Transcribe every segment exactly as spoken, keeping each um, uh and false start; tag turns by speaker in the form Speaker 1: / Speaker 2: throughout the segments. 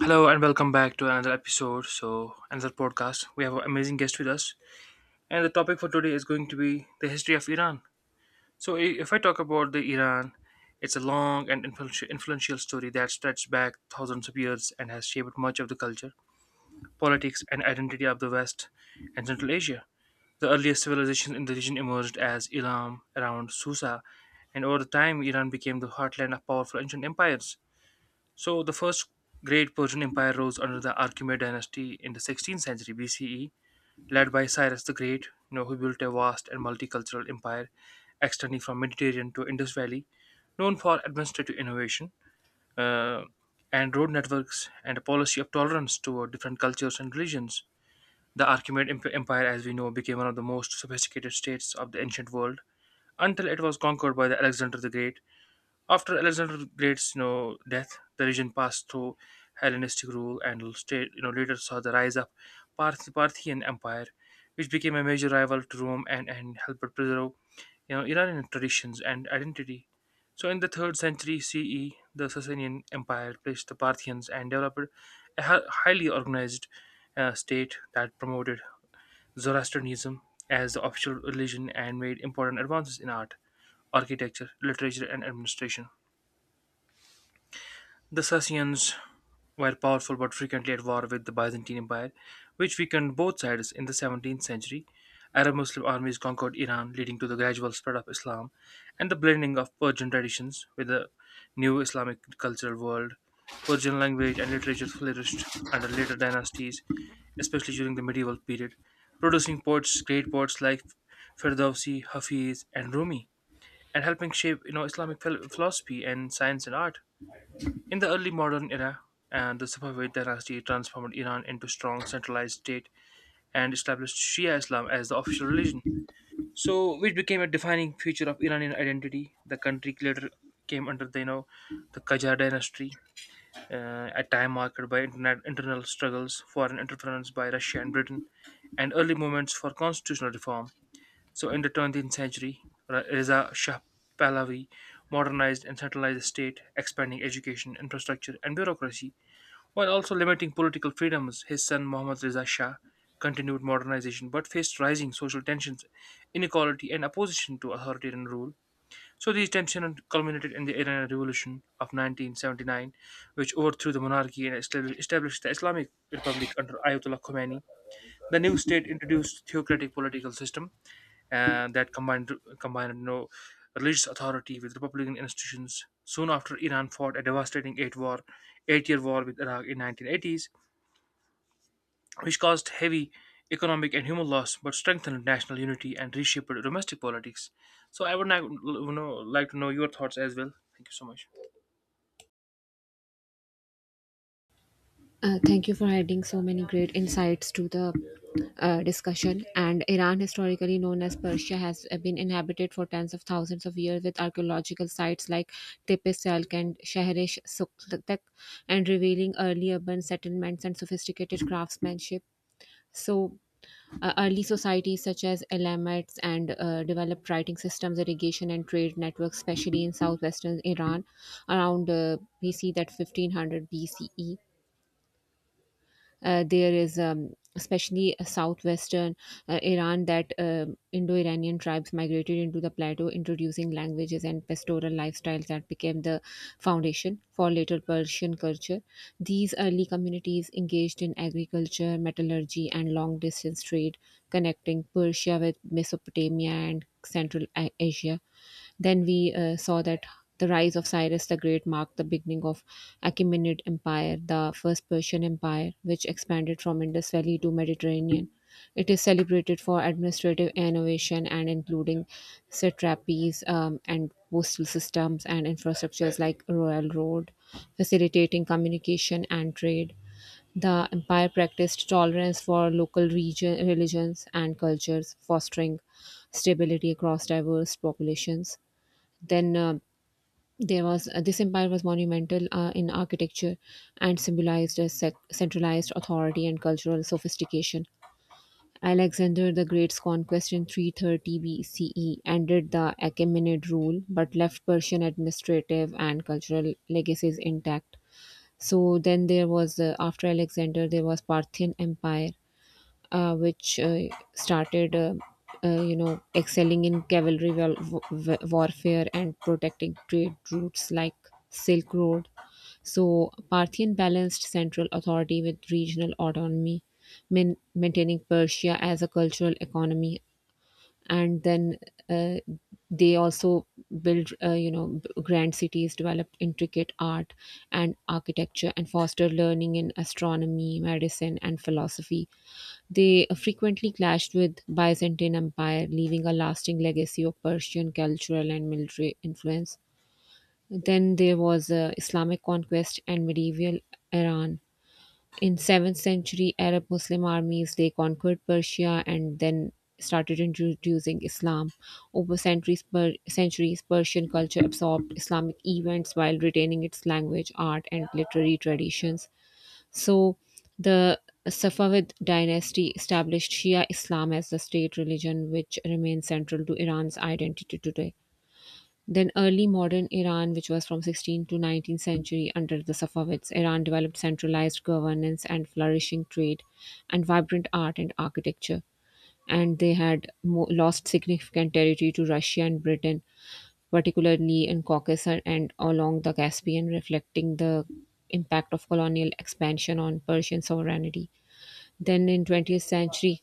Speaker 1: Hello and welcome back to another episode. So, another podcast. We have an amazing guest with us, and the topic for today is going to be the history of Iran. So, i- if I talk about the Iran, it's a long and influential influential story that stretches back thousands of years and has shaped much of the culture, politics, and identity of the West and Central Asia. The earliest civilizations in the region emerged as Ilam around Susa, and over the time, Iran became the heartland of powerful ancient empires. So the first great Persian Empire rose under the Archimed dynasty in the sixteenth century B C E, led by Cyrus the Great, you know, who built a vast and multicultural empire extending from Mediterranean to Indus Valley, known for administrative innovation uh, and road networks and a policy of tolerance toward different cultures and religions. The Archimed Emp- Empire, as we know, became one of the most sophisticated states of the ancient world until it was conquered by the Alexander the Great. After Alexander the Great's you know death, the region passed through Hellenistic rule and state you know later saw the rise of Parth- Parthian Empire, which became a major rival to Rome and and helped preserve you know Iranian traditions and identity. So in the third century C E, the Sasanian Empire placed the Parthians and developed a hi- highly organized uh, state that promoted Zoroastrianism as the official religion and made important advances in art, architecture, literature, and administration. The Sassanians were powerful but frequently at war with the Byzantine Empire, which weakened both sides in the seventeenth century. Arab Muslim armies conquered Iran, leading to the gradual spread of Islam and the blending of Persian traditions with the new Islamic cultural world. Persian language and literature flourished under later dynasties, especially during the medieval period, producing poets, great poets like Ferdowsi, Hafiz, and Rumi, and helping shape you know Islamic phil- philosophy and science and art. In the early modern era, and the Safavid dynasty transformed Iran into a strong centralized state and established Shia Islam as the official religion. So, which became a defining feature of Iranian identity. The country later came under the you know the Qajar dynasty, uh, a time marked by internet, internal struggles, foreign interference by Russia and Britain, and early movements for constitutional reform. So, in the twentieth century, Ra- Reza Shah Pahlavi modernized and centralized the state, expanding education, infrastructure, and bureaucracy. While also limiting political freedoms, his son Muhammad Reza Shah continued modernization but faced rising social tensions, inequality, and opposition to authoritarian rule. So these tensions culminated in the Iranian Revolution of nineteen seventy-nine, which overthrew the monarchy and estab- established the Islamic Republic under Ayatollah Khomeini. The new state introduced theocratic political system uh, that combined combined you know, religious authority with republican institutions. Soon after, Iran fought a devastating eight war eight-year war with Iraq in nineteen eighties, which caused heavy economic and human loss but strengthened national unity and reshaped domestic politics. So I would now, you know, like to know your thoughts as well. Thank you so much.
Speaker 2: Uh, thank you for adding so many great insights to the uh, discussion. And Iran, historically known as Persia, has uh, been inhabited for tens of thousands of years with archaeological sites like Tepe Selk and Shahrish Suktak, and revealing early urban settlements and sophisticated craftsmanship. So, uh, early societies such as Elamites and uh, developed writing systems, irrigation, and trade networks, especially in southwestern Iran around uh, B C that fifteen hundred B C E uh, there is um, especially a southwestern uh, Iran that um Indo-Iranian tribes migrated into the plateau, introducing languages and pastoral lifestyles that became the foundation for later Persian culture. These early communities engaged in agriculture, metallurgy, and long-distance trade, connecting Persia with Mesopotamia and Central A- Asia. Then we uh, saw that the rise of Cyrus the Great marked the beginning of Achaemenid Empire, the first Persian empire, which expanded from Indus Valley to Mediterranean. It is celebrated for administrative innovation and including satrapies um, and postal systems and infrastructures like Royal Road, facilitating communication and trade. The empire practiced tolerance for local region, religions and cultures, fostering stability across diverse populations. Then uh, there was uh, this empire was monumental uh, in architecture and symbolized a sec- centralized authority and cultural sophistication. Alexander the Great's conquest in three thirty B C E ended the Achaemenid rule but left Persian administrative and cultural legacies intact. So then there was uh, after Alexander there was Parthian Empire, uh, which uh, started, uh, uh, you know, excelling in cavalry wel- w- warfare and protecting trade routes like Silk Road. So Parthian balanced central authority with regional autonomy, main- maintaining Persia as a cultural economy, and then uh, they also built, uh, you know, b- grand cities, developed intricate art and architecture, and fostered learning in astronomy, medicine, and philosophy. They frequently clashed with Byzantine Empire, leaving a lasting legacy of Persian cultural and military influence. Then there was uh, Islamic conquest and medieval Iran. In seventh century Arab Muslim armies, they conquered Persia and then started introducing Islam. Over centuries, per- centuries Persian culture absorbed Islamic events while retaining its language, art, and literary traditions. So the Safavid dynasty established Shia Islam as the state religion, which remains central to Iran's identity today. Then early modern Iran, which was from sixteenth to nineteenth century under the Safavids, Iran developed centralized governance and flourishing trade and vibrant art and architecture and they had mo- lost significant territory to Russia and Britain, particularly in Caucasus and along the Caspian, reflecting the impact of colonial expansion on Persian sovereignty. Then in twentieth century,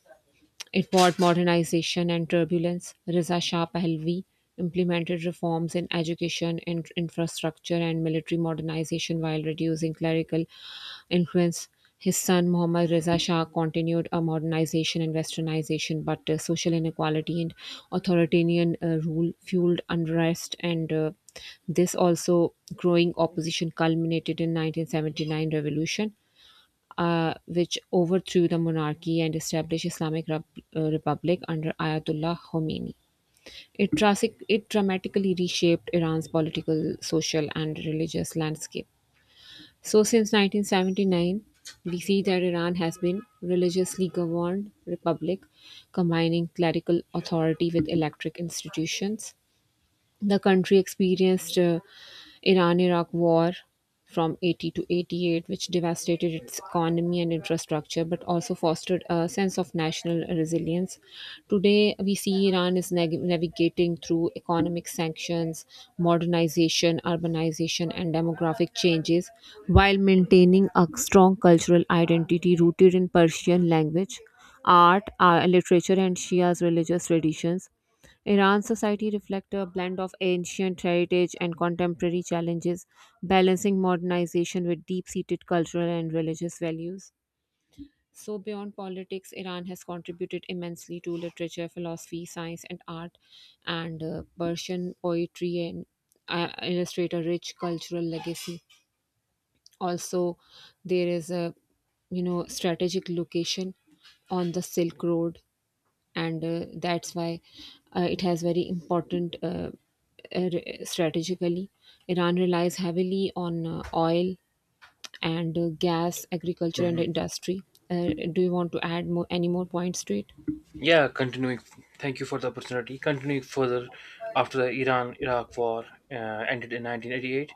Speaker 2: it brought modernization and turbulence. Reza Shah Pahlavi implemented reforms in education, in- infrastructure, and military modernization while reducing clerical influence. His son Muhammad Reza Shah continued a modernization and westernization, but uh, social inequality and authoritarian uh, rule fueled unrest, and uh, this also growing opposition culminated in nineteen seventy-nine revolution, uh, which overthrew the monarchy and established Islamic Rep- uh, Republic under Ayatollah Khomeini. It, drastic, it dramatically reshaped Iran's political, social, and religious landscape. So, since nineteen seventy-nine, we see that Iran has been religiously governed republic, combining clerical authority with electric institutions. The country experienced uh, Iran-Iraq War from eighty to eighty-eight, which devastated its economy and infrastructure, but also fostered a sense of national resilience. Today, we see Iran is nag- navigating through economic sanctions, modernization, urbanization, and demographic changes while maintaining a strong cultural identity rooted in Persian language, art, uh, literature, and Shia's religious traditions. Iran's society reflects a blend of ancient heritage and contemporary challenges, balancing modernization with deep-seated cultural and religious values. So beyond politics, Iran has contributed immensely to literature, philosophy, science, and art, and uh, Persian poetry and uh, illustrate a rich cultural legacy. Also, there is a you know strategic location on the Silk Road, and uh, that's why uh, it has very important uh, uh, strategically Iran relies heavily on uh, oil and uh, gas agriculture and industry. Uh, do you want to add more, any more points to it?
Speaker 1: Yeah, continuing. Thank you for the opportunity. Continuing further, after the Iran-Iraq War uh, ended in nineteen eighty-eight,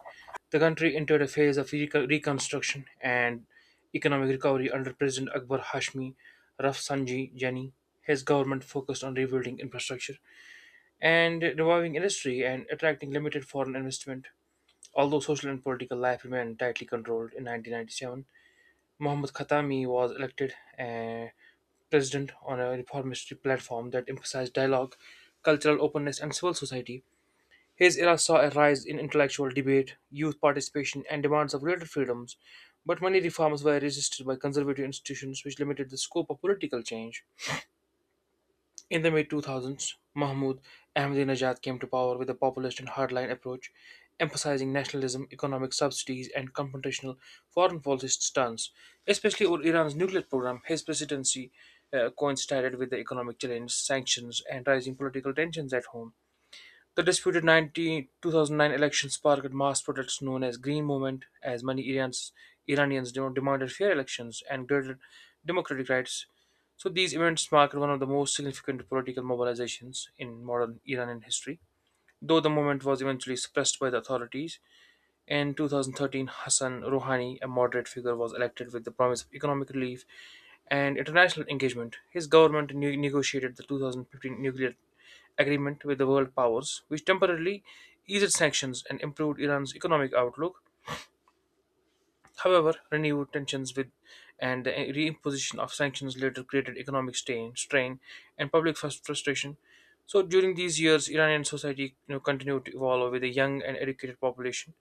Speaker 1: the country entered a phase of reco- reconstruction and economic recovery under President Akbar Hashmi Rafsanjani Jani. His government focused on rebuilding infrastructure and reviving industry and attracting limited foreign investment. Although social and political life remained tightly controlled in nineteen ninety-seven, Mohammad Khatami was elected uh, president on a reformist platform that emphasized dialogue, cultural openness, and civil society. His era saw a rise in intellectual debate, youth participation, and demands of greater freedoms, but many reforms were resisted by conservative institutions which limited the scope of political change. In the mid two thousands, Mahmoud Ahmadinejad came to power with a populist and hardline approach, emphasizing nationalism, economic subsidies, and confrontational foreign policy stance. Especially over Iran's nuclear program, his presidency uh, coincided with the economic challenge, sanctions, and rising political tensions at home. The disputed nineteen two thousand nine election sparked mass protests known as Green Movement as many Iranians, Iranians demanded fair elections and greater democratic rights. So these events marked one of the most significant political mobilizations in modern Iranian history, though the movement was eventually suppressed by the authorities. In twenty thirteen, Hassan Rouhani, a moderate figure, was elected with the promise of economic relief and international engagement. His government ne- negotiated the two thousand fifteen nuclear agreement with the world powers, which temporarily eased sanctions and improved Iran's economic outlook. However, renewed tensions with and the reimposition of sanctions later created economic strain, strain and public frus- frustration. So during these years, Iranian society you know, continued to evolve with a young and educated population,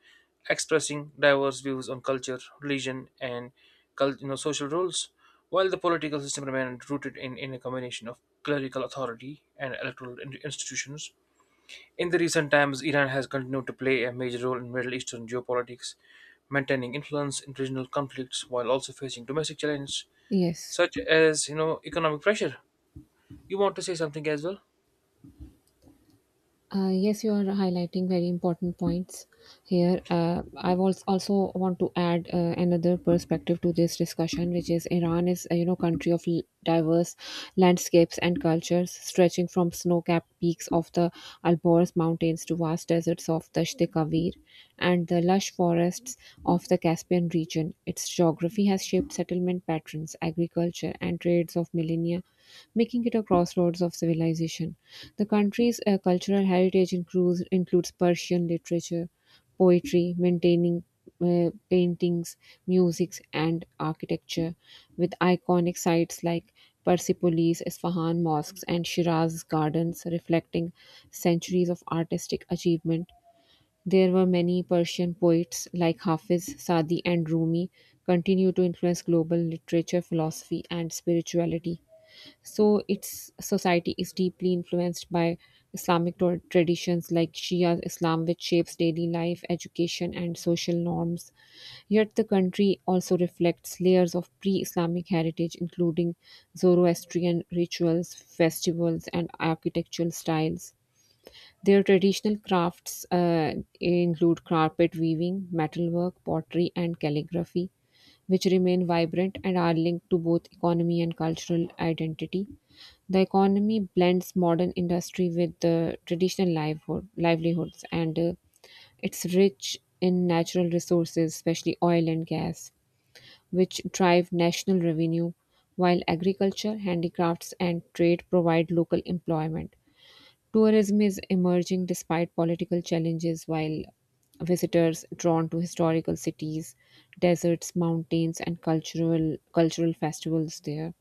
Speaker 1: expressing diverse views on culture, religion, and cul- you know, social roles, while the political system remained rooted in, in a combination of clerical authority and electoral in- institutions. In the recent times, Iran has continued to play a major role in Middle Eastern geopolitics, maintaining influence in regional conflicts while also facing domestic challenges
Speaker 2: Yes.
Speaker 1: such as you know economic pressure. You want to say something as well?
Speaker 2: Uh, yes, you are highlighting very important points here. Uh, I was also want to add uh, another perspective to this discussion, which is Iran is a you know country of l- diverse landscapes and cultures, stretching from snow-capped peaks of the Alborz Mountains to vast deserts of the Kavir and the lush forests of the Caspian region. Its geography has shaped settlement patterns, agriculture, and trades of millennia, making it a crossroads of civilization. The country's uh, cultural heritage includes, includes Persian literature, poetry, maintaining uh, paintings, music, and architecture, with iconic sites like Persepolis, Isfahan mosques, and Shiraz gardens reflecting centuries of artistic achievement. There were many Persian poets like Hafiz, Saadi, and Rumi continue to influence global literature, philosophy, and spirituality. So its society is deeply influenced by Islamic tra- traditions like Shia Islam, which shapes daily life, education, and social norms. Yet the country also reflects layers of pre Islamic heritage, including Zoroastrian rituals, festivals, and architectural styles. Their traditional crafts uh, include carpet weaving, metalwork, pottery, and calligraphy, which remain vibrant and are linked to both economy and cultural identity. The economy blends modern industry with the traditional livelihood, livelihoods, and uh, it's rich in natural resources, especially oil and gas, which drive national revenue, while agriculture, handicrafts, and trade provide local employment. Tourism is emerging despite political challenges, while visitors drawn to historical cities, deserts, mountains, and cultural cultural festivals there.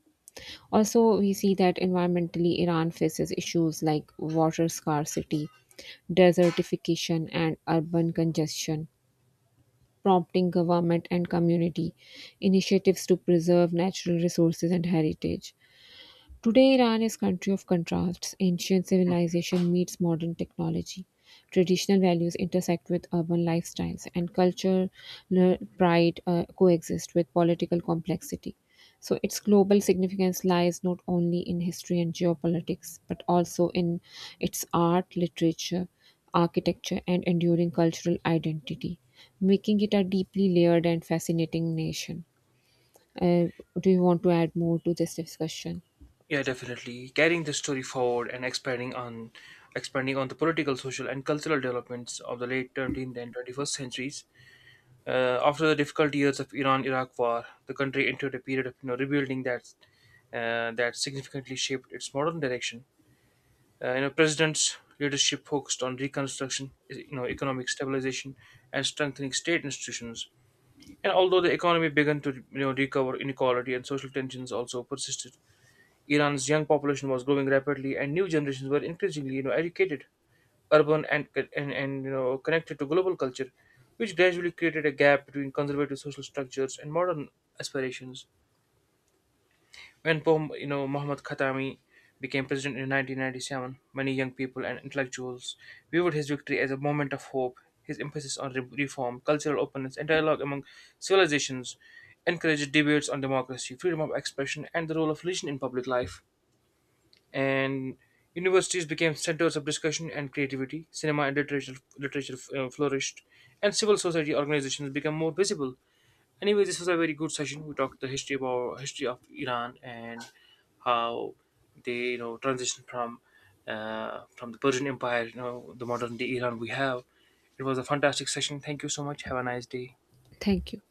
Speaker 2: Also, we see that environmentally, Iran faces issues like water scarcity, desertification, and urban congestion, prompting government and community initiatives to preserve natural resources and heritage. Today, Iran is a country of contrasts. Ancient
Speaker 1: Mm.
Speaker 2: civilization meets modern technology. Traditional values intersect with urban lifestyles, and cultural pride uh, coexist with political complexity. So, its global significance lies not only in history and geopolitics, but also in its art, literature, architecture, and enduring cultural identity, making it a deeply layered and fascinating nation. Uh, do you want to add more to this discussion?
Speaker 1: Yeah, definitely. Carrying the story forward and expanding on expanding on the political, social, and cultural developments of the late twentieth and twenty-first centuries. Uh, after the difficult years of Iran-Iraq war, the country entered a period of you know, rebuilding that uh, that significantly shaped its modern direction. Uh, you know president's leadership focused on reconstruction, you know economic stabilization and strengthening state institutions, and although the economy began to you know recover, inequality and social tensions also persisted. Iran's young population was growing rapidly and new generations were increasingly you know educated, urban, and and, and you know connected to global culture, which gradually created a gap between conservative social structures and modern aspirations. When Poh- you know Mohammad Khatami became president in nineteen ninety-seven, many young people and intellectuals viewed his victory as a moment of hope. His emphasis on re- reform, cultural openness, and dialogue among civilizations encouraged debates on democracy, freedom of expression, and the role of religion in public life. And universities became centers of discussion and creativity. Cinema and literature, literature uh, flourished, and civil society organizations became more visible. Anyway, this was a very good session. We talked the history about history of Iran and how they you know transitioned from uh, from the Persian Empire, you know, the modern day Iran we have. It was a fantastic session. Thank you so much. Have a nice day.
Speaker 2: Thank you.